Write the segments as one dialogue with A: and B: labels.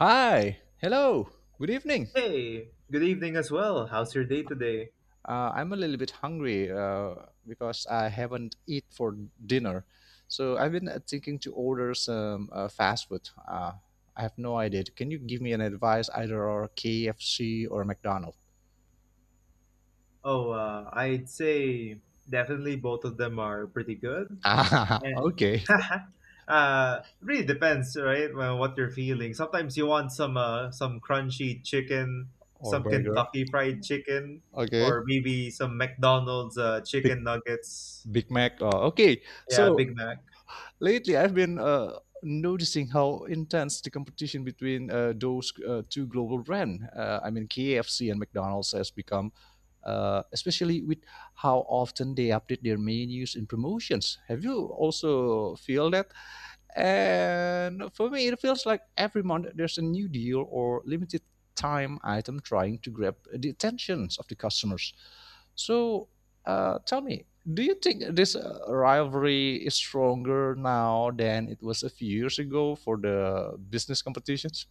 A: Hi. Hello. Good evening.
B: Hey, good evening as well. How's your day today?
A: I'm a little bit hungry because I haven't eat for dinner. So I've been thinking to order some fast food. I have no idea. Can you give me an advice either or KFC or McDonald's?
B: Oh, I'd say definitely both of them are pretty good.
A: Ah,
B: And,
A: okay.
B: really depends, right? Well, what you're feeling. Sometimes you want some crunchy chicken,
A: Or
B: some
A: burger.
B: Kentucky Fried Chicken,
A: Okay.
B: or maybe some McDonald's
A: Big
B: chicken nuggets.
A: Big Mac. Okay.
B: Yeah,
A: So
B: Big Mac.
A: lately, I've been noticing how intense the competition between those two global brands, I mean KFC and McDonald's, has become, especially with how often they update their menus and promotions. Have you also feel that? And for me, it feels like every month there's a new deal or limited time item trying to grab the attentions of the customers. So tell me, do you think this rivalry is stronger now than it was a few years ago for the business competitions?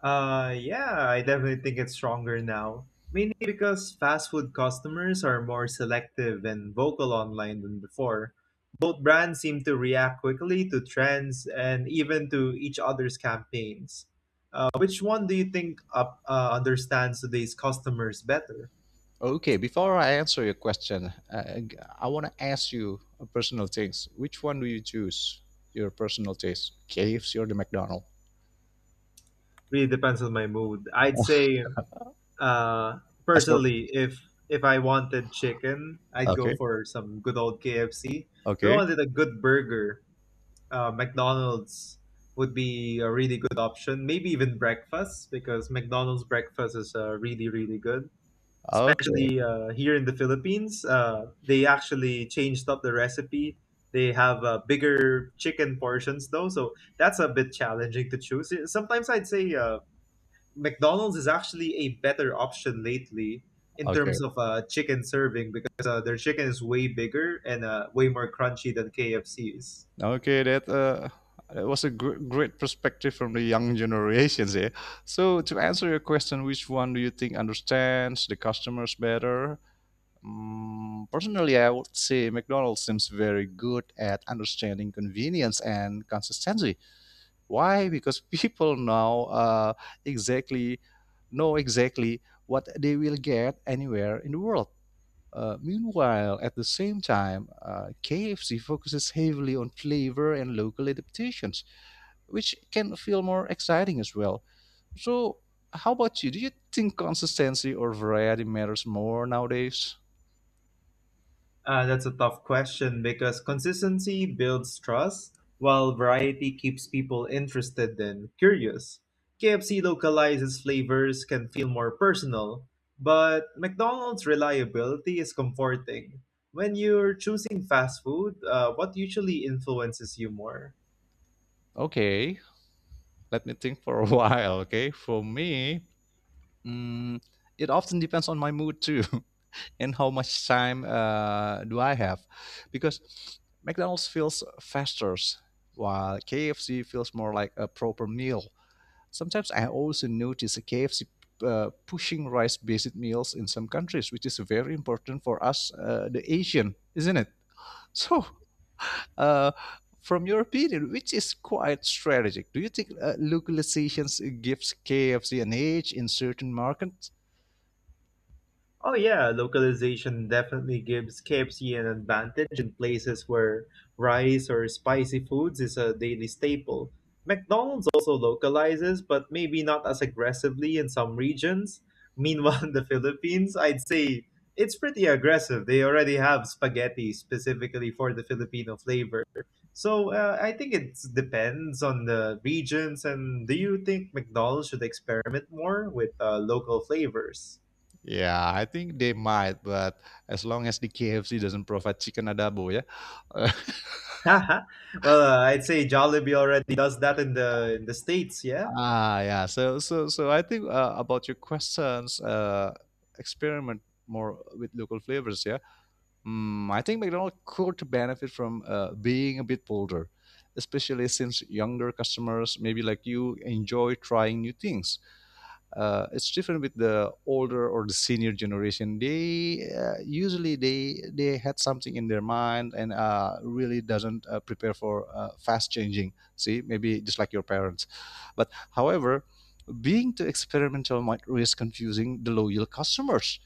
B: Yeah, I definitely think it's stronger now. Mainly because fast food customers are more selective and vocal online than before. Both brands seem to react quickly to trends and even to each other's campaigns. Which one do you think understands today's customers better?
A: Okay, before I answer your question, I want to ask you a personal taste. Which one do you choose? Your personal taste, KFC or the McDonald's?
B: Really depends on my mood. I'd say, uh,
A: That's not-
B: personally, if I wanted chicken, I'd go
A: okay,
B: for some good old KFC. If I
A: okay,
B: wanted a good burger, McDonald's would be a really good option. Maybe even breakfast because McDonald's breakfast is really good.
A: okay,
B: Especially here in the Philippines, they actually changed up the recipe. They have bigger chicken portions though, so that's a bit challenging to choose. Sometimes I'd say McDonald's is actually a better option lately in
A: okay,
B: terms of chicken serving because their chicken is way bigger and way more crunchy than KFC's.
A: okay. That was a great perspective from the young generations here. So to answer your question, which one do you think understands the customers better? Mm, personally, I would say McDonald's seems very good at understanding convenience and consistency. Why? Because people now exactly know exactly what they will get anywhere in the world. Meanwhile, at the same time, KFC focuses heavily on flavor and local adaptations, which can feel more exciting as well. So, how about you? Do you think consistency or variety matters more nowadays?
B: That's a tough question because consistency builds trust, while variety keeps people interested and curious. KFC localizes flavors can feel more personal, but McDonald's reliability is comforting. When you're choosing fast food, what usually influences you more?
A: Okay, let me think for a while. Okay, for me, mm, it often depends on my mood too. And how much time do I have? Because McDonald's feels faster, while KFC feels more like a proper meal. Sometimes I also notice a KFC pushing rice-based meals in some countries, which is very important for us, the Asian, isn't it? So, uh, from your opinion, which is quite strategic, do you think localizations gives KFC an edge in certain markets?
B: Oh yeah, localization definitely gives KFC an advantage in places where rice or spicy foods is a daily staple. McDonald's also localizes, but maybe not as aggressively in some regions. Meanwhile, in the Philippines, I'd say it's pretty aggressive. They already have spaghetti specifically for the Filipino flavor. So I think it depends on the regions. And do you think McDonald's should experiment more with local flavors?
A: Yeah, I think they might, but as long as the KFC doesn't provide chicken adobo, yeah.
B: Well, I'd say Jollibee already does that in the states. Yeah,
A: Ah, yeah. So I think about your questions, experiment more with local flavors, yeah. Mm, I think McDonald's could benefit from being a bit bolder, especially since younger customers, maybe like you, enjoy trying new things. It's different with the older or the senior generation. They usually they had something in their mind and really doesn't prepare for fast changing. See, maybe just like your parents. But however, being too experimental might risk confusing the loyal customers.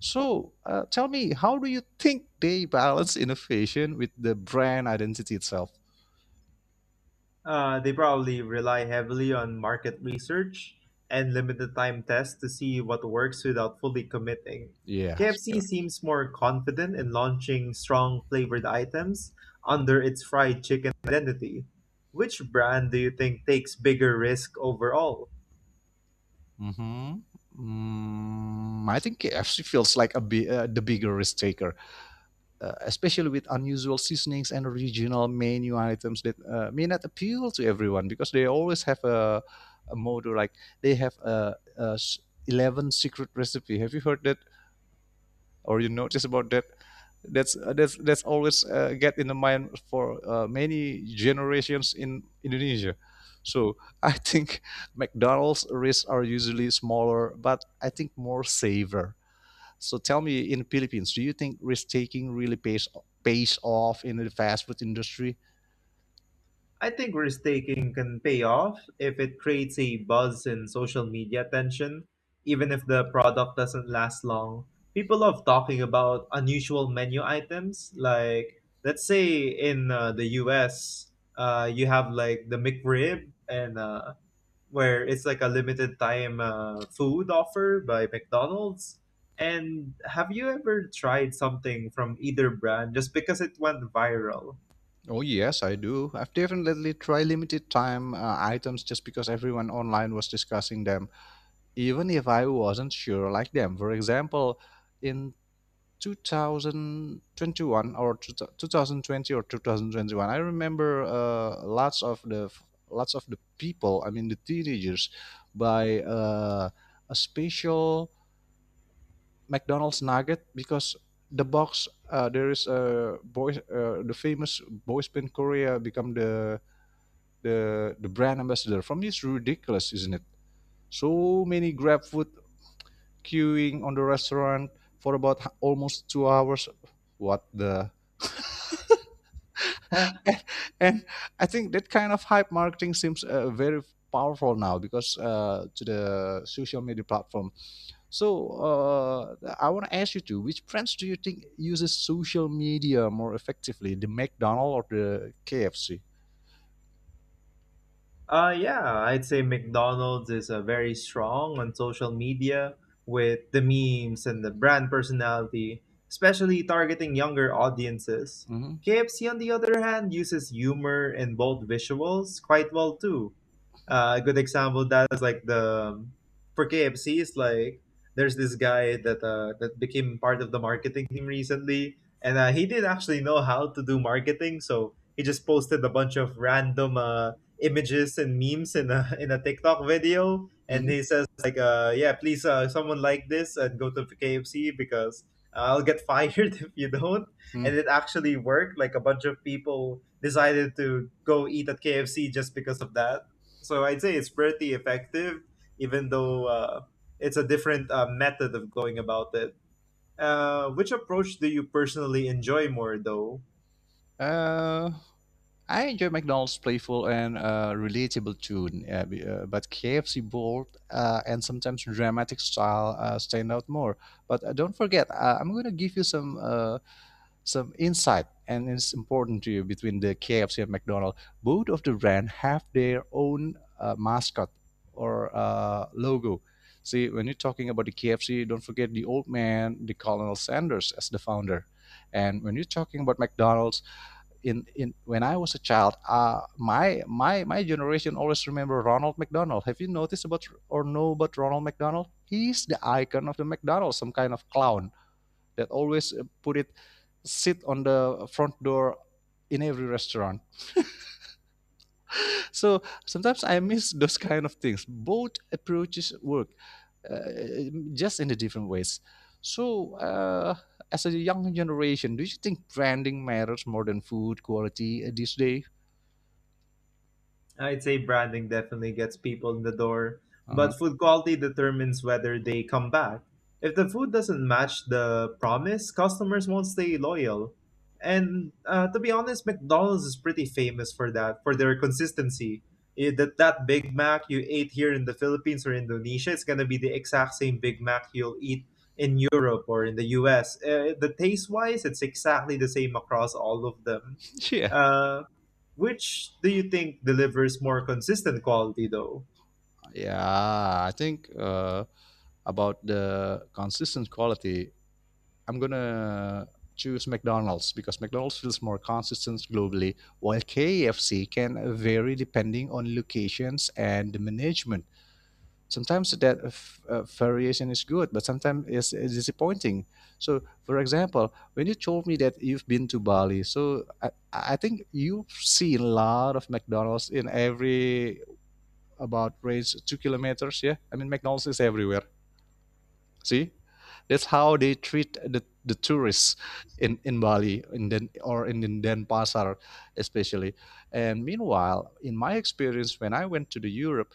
A: So tell me, how do you think they balance innovation with the brand identity itself?
B: uh, they probably rely heavily on market research and limited time tests to see what works without fully committing.
A: Yeah.
B: KFC
A: Sure.
B: seems more confident in launching strong flavored items under its fried chicken identity. Which brand do you think takes bigger risk overall?
A: Mm-hmm. Mm, I think KFC feels like a the bigger risk taker, especially with unusual seasonings and regional menu items that may not appeal to everyone, because they always have a motto like they have 11 secret recipe. Have you heard that or you notice about that? That's always get in the mind for many generations in Indonesia. So I think McDonald's risks are usually smaller, but I think more safer. So tell me, in Philippines, do you think risk taking really pays off in the fast food industry?
B: I think risk taking can pay off if it creates a buzz in social media attention. Even if the product doesn't last long, people love talking about unusual menu items. Let's say in the US, you have like the McRib, and where it's like a limited time food offer by McDonald's. And have you ever tried something from either brand just because it went viral?
A: Oh yes, I do. I've definitely tried limited time items just because everyone online was discussing them, even if I wasn't sure like them. For example, in 2021 or 2020 or 2021 I remember lots of the people. I mean the teenagers buy a special McDonald's nugget because the box, there is a boy, the famous boys band Korea become the the brand ambassador from this. Ridiculous, isn't it? So many grab food queuing on the restaurant for about almost 2 hours. What the— and and I think that kind of hype marketing seems very powerful now because to the social media platform. So I want to ask you too: which brands do you think uses social media more effectively, the McDonald or the KFC?
B: Yeah, I'd say McDonald's is very strong on social media with the memes and the brand personality, especially targeting younger audiences.
A: Hmm.
B: KFC, on the other hand, uses humor and bold visuals quite well too. Uh, a good example that is like the for KFC is like there's this guy that became part of the marketing team recently, and he didn't actually know how to do marketing, so he just posted a bunch of random images and memes in a in a TikTok video, and he says like, "Yeah, please, someone like this and go to KFC because I'll get fired if you don't."
A: Hmm.
B: And it actually worked. Like a bunch of people decided to go eat at KFC just because of that, so I'd say it's pretty effective, even though it's a different method of going about it. Which approach do you personally enjoy more, though?
A: Uh, I enjoy McDonald's playful and relatable tune, but KFC bold and sometimes dramatic style stand out more. But don't forget, I'm gonna give you some insight, and it's important to you between the KFC and McDonald's. Both of the brand have their own mascot or logo. See, when you're talking about the KFC, don't forget the old man, the Colonel Sanders, as the founder. And when you're talking about McDonald's, in when I was a child, my generation always remember Ronald McDonald. Have you noticed about or know about Ronald McDonald? He's the icon of the McDonald's, some kind of clown that always put it sit on the front door in every restaurant. So sometimes I miss those kind of things. Both approaches work, just in the different ways. So as a young generation, do you think branding matters more than food quality these days?
B: I'd say branding definitely gets people in the door,
A: Uh-huh.
B: but food quality determines whether they come back. If the food doesn't match the promise, customers won't stay loyal. And to be honest, McDonald's is pretty famous for that, for their consistency. That Big Mac you ate here in the Philippines or Indonesia, it's gonna be the exact same Big Mac you'll eat in Europe or in the U.S. The taste-wise, it's exactly the same across all of them.
A: Yeah.
B: Uh, which do you think delivers more consistent quality though?
A: Yeah, I think about the consistent quality, I'm gonna choose McDonald's because McDonald's feels more consistent globally, while KFC can vary depending on locations and the management. Sometimes that variation is good, but sometimes it's disappointing. So, for example, when you told me that you've been to Bali, so I think you've seen a lot of McDonald's in every about raise 2 kilometers. Yeah, I mean McDonald's is everywhere. See, that's how they treat the tourists in Bali in Den, or in Denpasar especially. And meanwhile, in my experience, when I went to the Europe,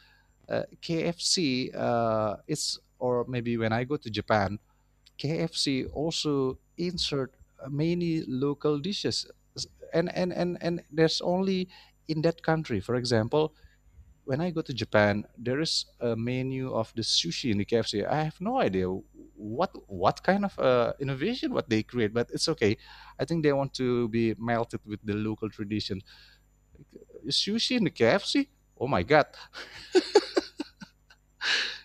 A: KFC it's or maybe when I go to Japan, KFC also insert many local dishes, and there's only in that country. For example, when I go to Japan, there is a menu of the sushi in the KFC. I have no idea what kind of innovation what they create, but it's okay. I think they want to be melted with the local tradition. Sushi in the KFC? Oh my god!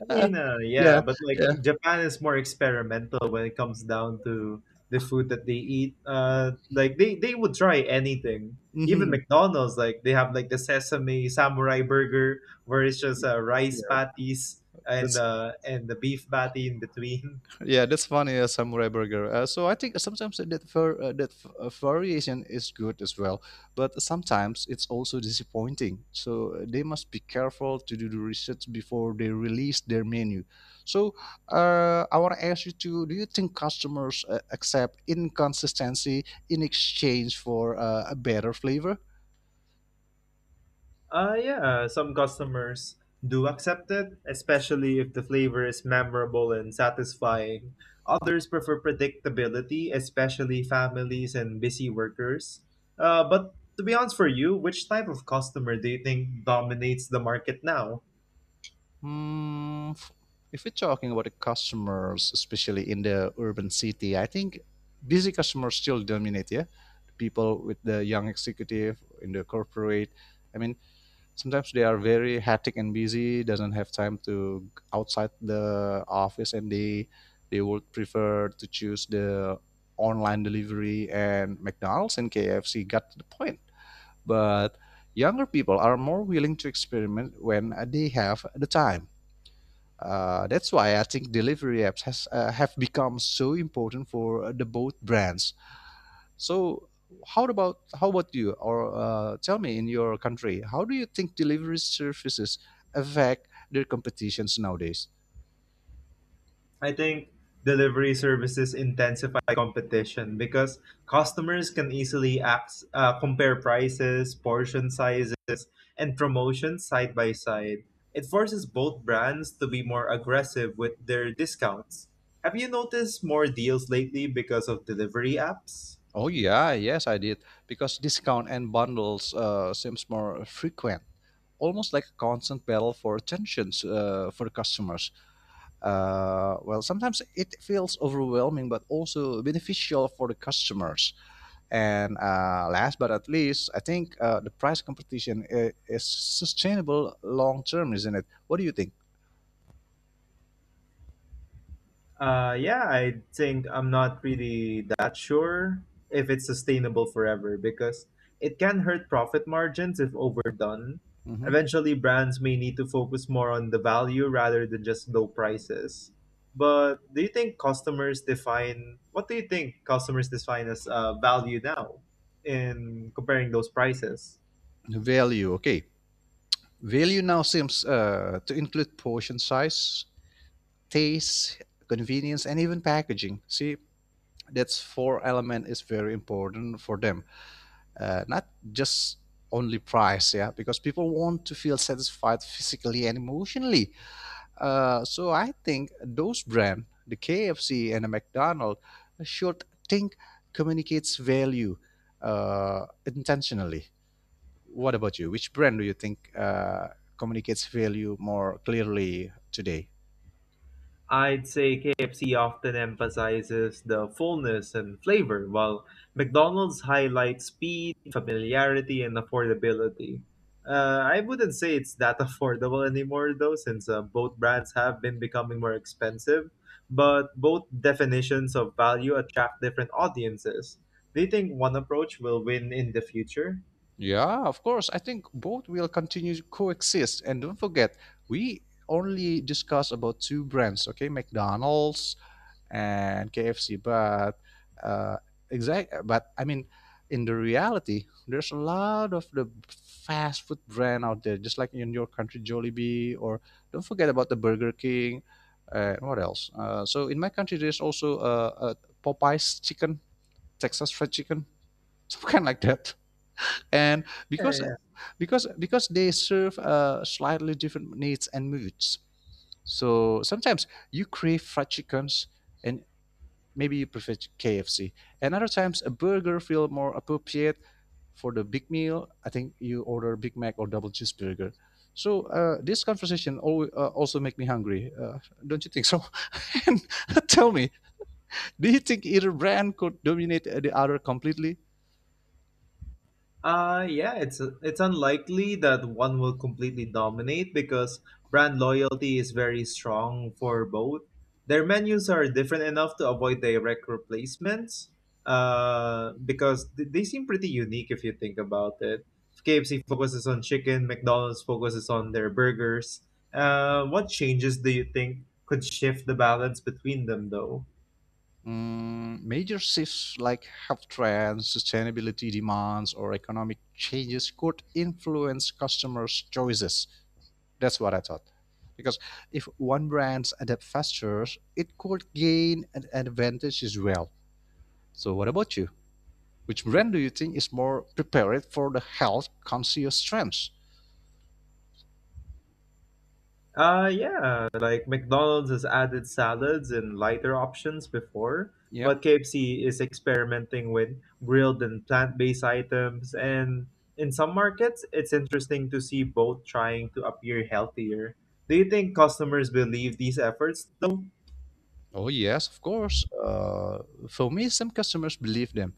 B: I
A: Uh,
B: mean,
A: yeah,
B: yeah, but like
A: yeah,
B: Japan is more experimental when it comes down to the food that they eat. Like they would try anything. Even
A: hmm,
B: McDonald's, like they have like the sesame samurai burger, where it's just rice
A: yeah.
B: patties and
A: That's
B: uh, and the beef patty in between.
A: yeah, that's funny, samurai burger. So I think sometimes that variation is good as well, but sometimes it's also disappointing. So they must be careful to do the research before they release their menu. So I want to ask you to: do you think customers accept inconsistency in exchange for a better flavor?
B: Yeah, some customers do accept it, especially if the flavor is memorable and satisfying. Others prefer predictability, especially families and busy workers. But to be honest for you, which type of customer do you think dominates the market now?
A: Hmm, if we're talking about the customers, especially in the urban city, I think busy customers still dominate. Yeah, people with the young executive in the corporate. I mean, sometimes they are very hectic and busy, doesn't have time to outside the office, and they would prefer to choose the online delivery, and McDonald's and KFC got to the point. But younger people are more willing to experiment when they have the time. That's why I think delivery apps have become so important for the both brands. So how about you? Or tell me, in your country, how do you think delivery services affect their competitions nowadays?
B: I think delivery services intensify competition because customers can easily compare prices, portion sizes, and promotions side by side. It forces both brands to be more aggressive with their discounts. Have you noticed more deals lately because of delivery apps?
A: Oh yeah, yes I did, because discount and bundles seems more frequent. Almost like a constant battle for attentions for the customers. Well, sometimes it feels overwhelming, but also beneficial for the customers. And last but not least, I think the price competition is sustainable long term, isn't it? What do you think?
B: Yeah, I think I'm not really that sure if it's sustainable forever because it can hurt profit margins if overdone.
A: Hmm.
B: Eventually, brands may need to focus more on the value rather than just low prices. But do you think customers define what do you think customers define as value now in comparing those prices?
A: The value, okay. Value now seems to include portion size, taste, convenience, and even packaging. See, that's four element is very important for them. Not just only price, yeah, because people want to feel satisfied physically and emotionally. So I think those brand, the KFC and the McDonald, should think communicates value intentionally. What about you? Which brand do you think communicates value more clearly today?
B: I'd say KFC often emphasizes the fullness and flavor, while McDonald's highlights speed, familiarity, and affordability. I wouldn't say it's that affordable anymore, though, since both brands have been becoming more expensive. But both definitions of value attract different audiences. Do you think one approach will win in the future?
A: Yeah, of course. I think both will continue to coexist. And don't forget, we only discuss about two brands, okay? McDonald's and KFC. But uh, but I mean, in the reality, there's a lot of the fast food brand out there, just like in your country, Jollibee, or don't forget about the Burger King. What else? So in my country, there's also a Popeyes chicken, Texas fried chicken, something like that. And because
B: Yeah.
A: because they serve slightly different needs and moods. So sometimes you crave fried chickens, and maybe you prefer KFC. And other times, a burger feel more appropriate for the big meal. I think you order Big Mac or double cheeseburger. So this conversation also make me hungry. Don't you think so? And tell me, do you think either brand could dominate the other completely?
B: It's unlikely that one will completely dominate because brand loyalty is very strong for both. Their menus are different enough to avoid direct replacements because they seem pretty unique if you think about it. KFC focuses on chicken, McDonald's focuses on their burgers. What changes do you think could shift the balance between them, though?
A: Mm, major shifts like health trends, sustainability demands, or economic changes could influence customers' choices. That's what I thought. Because if one brand adapts faster, it could gain an advantage as well. So what about you? Which brand do you think is more prepared for the health conscious trends?
B: Yeah, like McDonald's has added salads and lighter options before,
A: Yeah.
B: but KFC is experimenting with grilled and plant-based items, and in some markets, it's interesting to see both trying to appear healthier. Do you think customers believe these efforts though?
A: Oh yes, of course. For me, some customers believe them,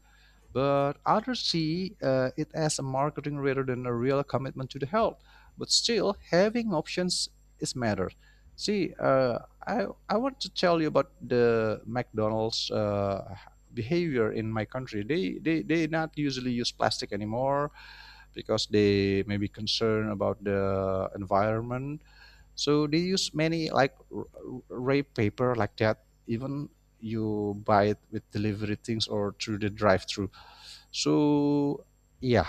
A: but others see it as a marketing rather than a real commitment to the health. But still, having options is matter. See, I want to tell you about the McDonald's behavior in my country. They not usually use plastic anymore because they may be concerned about the environment. So they use many like wrap paper like that. Even you buy it with delivery things or through the drive-through. So yeah,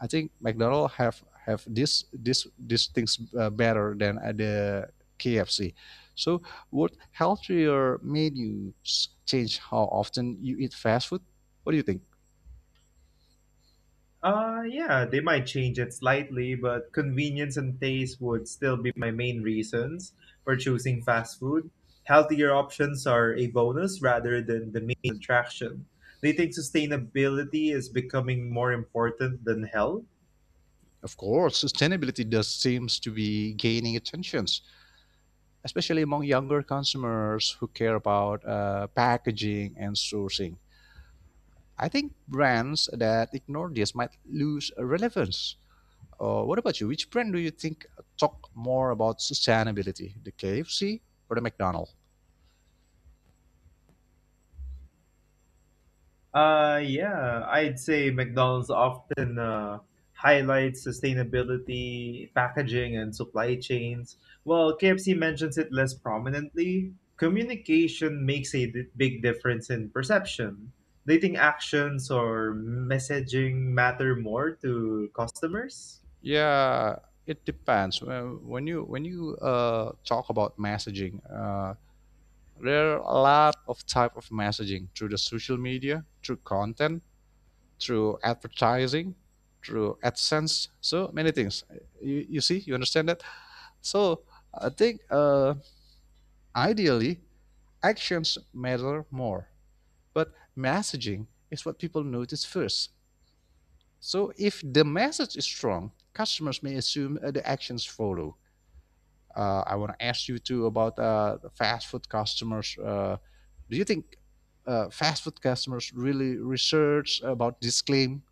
A: I think McDonald have this these things better than the KFC. So would healthier menus change how often you eat fast food? What do you think?
B: Yeah, they might change it slightly, but convenience and taste would still be my main reasons for choosing fast food. Healthier options are a bonus rather than the main attraction. Do you think sustainability is becoming more important than health?
A: Of course, sustainability does seems to be gaining attention, especially among younger consumers who care about packaging and sourcing. I think brands that ignore this might lose relevance. What about you? Which brand do you think talk more about sustainability, the KFC or the McDonald's?
B: Yeah, I'd say McDonald's often highlights sustainability, packaging, and supply chains, while KFC mentions it less prominently. Communication makes a big difference in perception. They think actions or messaging matter more to customers.
A: Yeah, it depends. When you talk about messaging, there are a lot of type of messaging through the social media, through content, through advertising, through adsense, so many things. You see, you understand that. So I think ideally actions matter more, but messaging is what people notice first. So if the message is strong, customers may assume the actions follow. I want to ask you too about the fast food customers. Do you think fast food customers really research about this claim?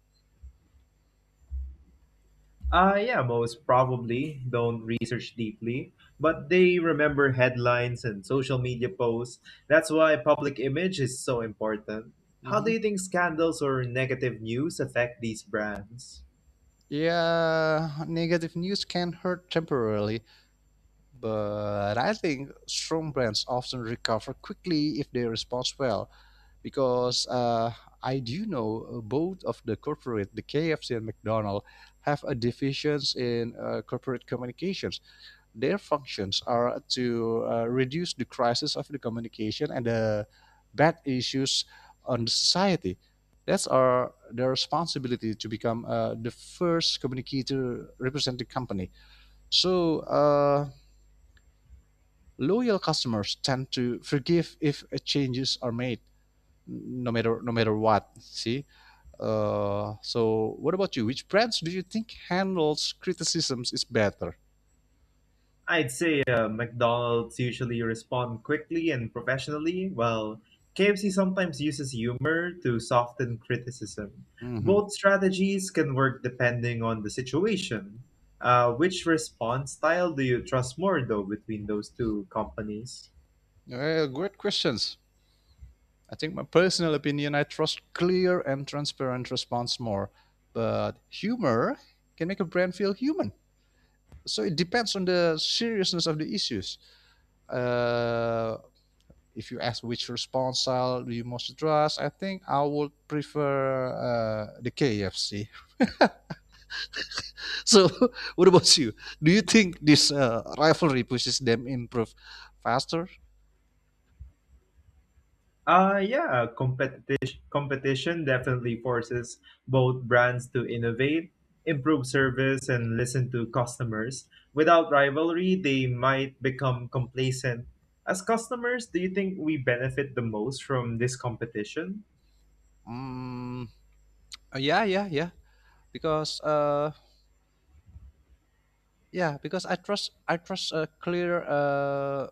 B: Yeah, most probably don't research deeply, but they remember headlines and social media posts. That's why public image is so important. How do
A: Hmm.
B: you think scandals or negative news affect these brands?
A: Yeah, negative news can hurt temporarily, but I think strong brands often recover quickly if they respond well, because I do know both of the corporate, the KFC and McDonald's, have a divisions in corporate communications. Their functions are to reduce the crisis of the communication and the bad issues on the society. That's our their responsibility to become the first communicator representing company. So. Loyal customers tend to forgive if changes are made, no matter what, see. So what about you, which brands do you think handles criticisms is better?
B: I'd say McDonald's usually respond quickly and professionally, while KFC sometimes uses humor to soften criticism.
A: Hmm.
B: Both strategies can work depending on the situation. Which response style do you trust more, though, between those two companies?
A: Great questions. I think my personal opinion, I trust clear and transparent response more. But humor can make a brand feel human. So it depends on the seriousness of the issues. Uh, if you ask which response style do you most trust, I think I would prefer the KFC. So what about you? Do you think this rivalry pushes them improve faster?
B: Yeah, competition definitely forces both brands to innovate, improve service, and listen to customers. Without rivalry, they might become complacent. As customers, do you think we benefit the most from this competition?
A: Mm, yeah, yeah, yeah. Because yeah, because I trust a clear.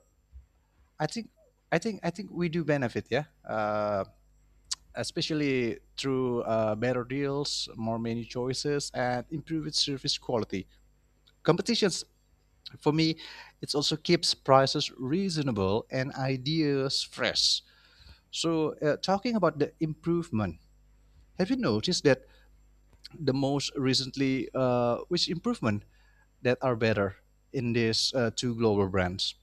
A: I think I think we do benefit. Yeah, especially through better deals, more menu choices, and improved service quality. Competitions, for me, it also keeps prices reasonable and ideas fresh. So, talking about the improvement, have you noticed that the most recently, which improvement that are better in these two global brands?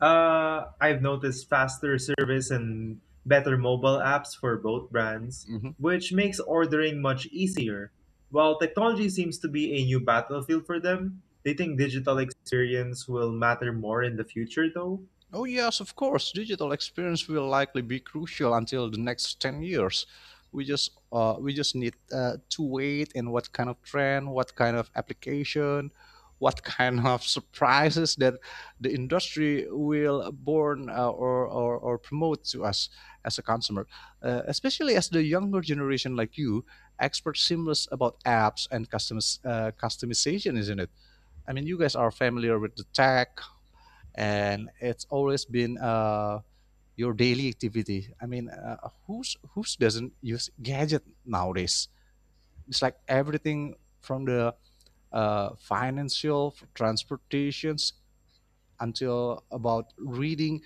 B: I've noticed faster service and better mobile apps for both brands,
A: Mhm.
B: which makes ordering much easier. While technology seems to be a new battlefield for them, they think digital experience will matter more in the future, though.
A: Oh, yes, of course. Digital experience will likely be crucial until the next 10 years. We just need to wait and what kind of trend, what kind of application, what kind of surprises that the industry will born or promote to us as a consumer. Especially as the younger generation like you, experts seamless about apps and customization, isn't it? I mean, you guys are familiar with the tech, and it's always been your daily activity. I mean, who's doesn't use gadget nowadays? It's like everything from the financial, transportations, until about reading.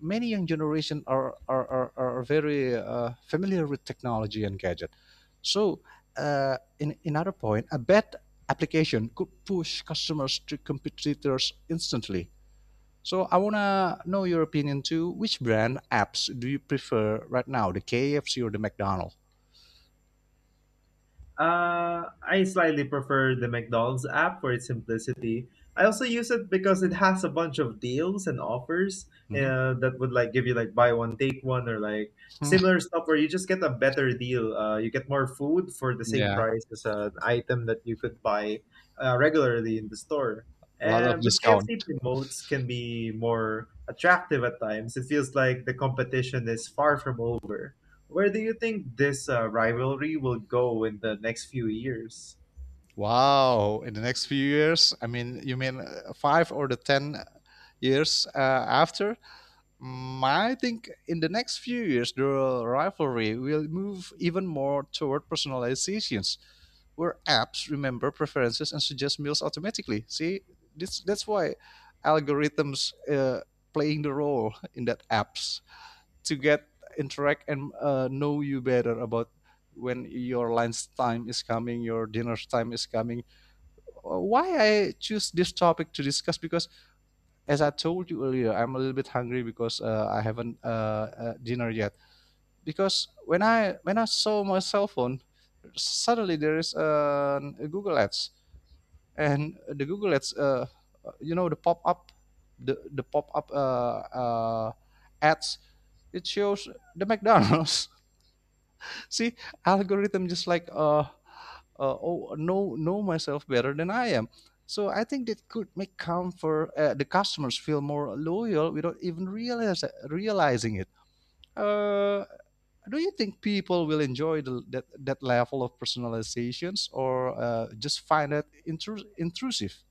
A: Many young generation are very familiar with technology and gadget. So, in another point, a bad application could push customers to competitors instantly. So I wanna know your opinion too. Which brand apps do you prefer right now, the KFC or the McDonald's?
B: I slightly prefer the McDonald's app for its simplicity. I also use it because it has a bunch of deals and offers
A: Hmm.
B: that would like give you like buy one take one or like similar stuff where you just get a better deal. You get more food for the same
A: Yeah,
B: price as an item that you could buy regularly in the store.
A: a lot of
B: And but KFC
A: discount.
B: promotes can be more attractive at times. It feels like the competition is far from over. Where do you think this rivalry will go in the next few years?
A: Wow! In the next few years, I mean, you mean five or the 10 years after? Mm, I think in the next few years, the rivalry will move even more toward personalizations, where apps remember preferences and suggest meals automatically. See, this that's why algorithms playing the role in that apps to get interact and know you better about when your lunch time is coming, your dinner time is coming. Why I choose this topic to discuss, because as I told you earlier, I'm a little bit hungry because I haven't dinner yet. Because when I saw my cell phone, suddenly there is a Google Ads, and the Google Ads, the pop up, the pop up ads. It shows the McDonald's. See, algorithm just like oh know myself better than I am. So I think that could make comfort the customers feel more loyal without even realize realizing it. Uh, do you think people will enjoy the, that that level of personalizations or just find it intrusive?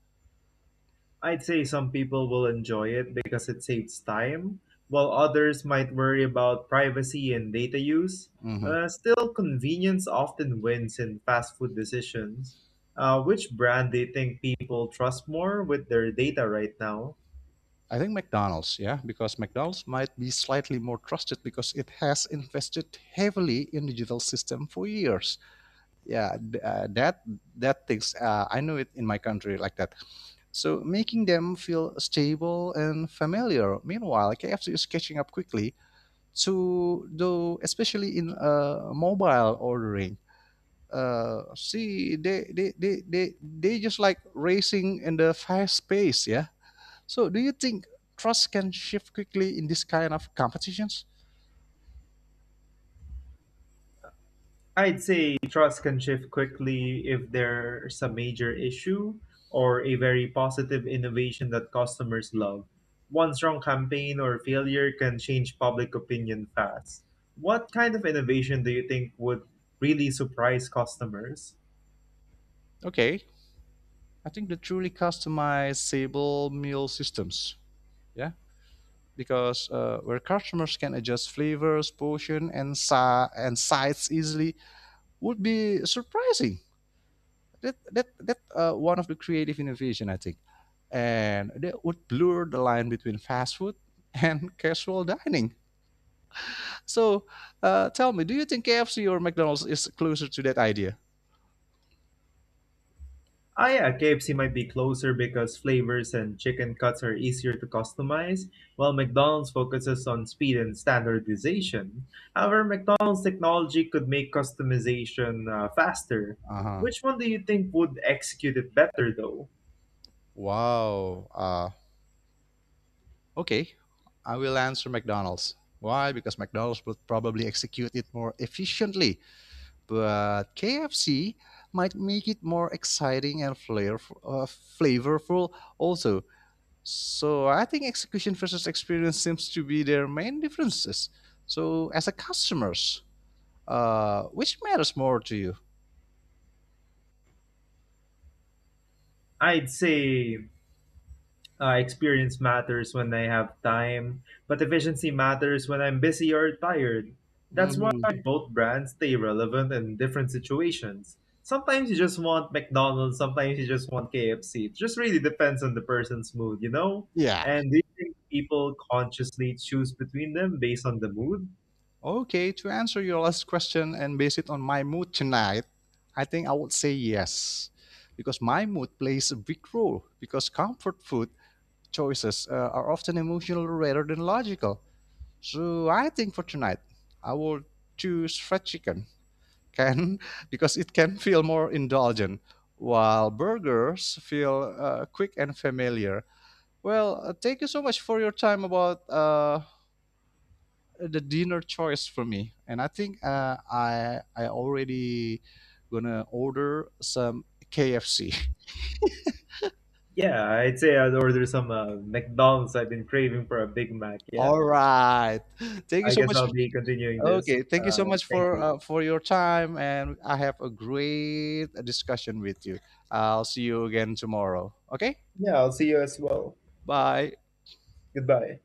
B: I'd say some people will enjoy it because it saves time, while others might worry about privacy and data use.
A: Hmm.
B: Still, convenience often wins in fast food decisions. Which brand do you think people trust more with their data right now?
A: I think McDonald's, yeah, because McDonald's might be slightly more trusted because it has invested heavily in digital system for years. Yeah, that that things I know it in my country like that. So making them feel stable and familiar, meanwhile KFC is catching up quickly to though, especially in mobile ordering. See, they just like racing in the fast pace, yeah. So, do you think trust can shift quickly in this kind of competitions?
B: I'd say trust can shift quickly if there's a major issue or a very positive innovation that customers love. One strong campaign or failure can change public opinion fast. What kind of innovation do you think would really surprise customers?
A: Okay, I think the truly customizable meal systems. Yeah, because where customers can adjust flavors, portion, and sides easily, would be surprising. That that that One of the creative innovation I think, and that would blur the line between fast food and casual dining. So, tell me, do you think KFC or McDonald's is closer to that idea?
B: Ah, yeah, KFC might be closer because flavors and chicken cuts are easier to customize, while McDonald's focuses on speed and standardization. However, McDonald's technology could make customization faster.
A: Uh huh.
B: Which one do you think would execute it better, though?
A: Wow. Okay. I will answer McDonald's. Why? Because McDonald's would probably execute it more efficiently, but KFC might make it more exciting and flair, flavorful also. So I think execution versus experience seems to be their main differences. So as a customers, which matters more to you?
B: I'd say Experience matters when I have time, but efficiency matters when I'm busy or tired. That's why
A: Hmm.
B: both brands stay relevant in different situations. Sometimes you just want McDonald's, sometimes you just want KFC. It just really depends on the person's mood, you know?
A: Yeah.
B: And do you think people consciously choose between them based on the mood?
A: Okay, to answer your last question and base it on my mood tonight, I think I would say yes. Because my mood plays a big role, because comfort food choices are often emotional rather than logical. So I think for tonight, I will choose fried chicken, can because it can feel more indulgent, while burgers feel quick and familiar. Well, thank you so much for your time about the dinner choice for me, and I think uh, I already gonna order some KFC.
B: Yeah, I'd order some McDonald's. I've been craving for a Big Mac, yeah?
A: All right, thank you
B: I
A: so
B: guess
A: much.
B: I'll be continuing this.
A: Okay, thank you so much
B: Thank you.
A: for your time, and I have a great discussion with you. I'll see you again tomorrow. Okay,
B: Yeah, I'll see you as well.
A: bye.
B: Goodbye.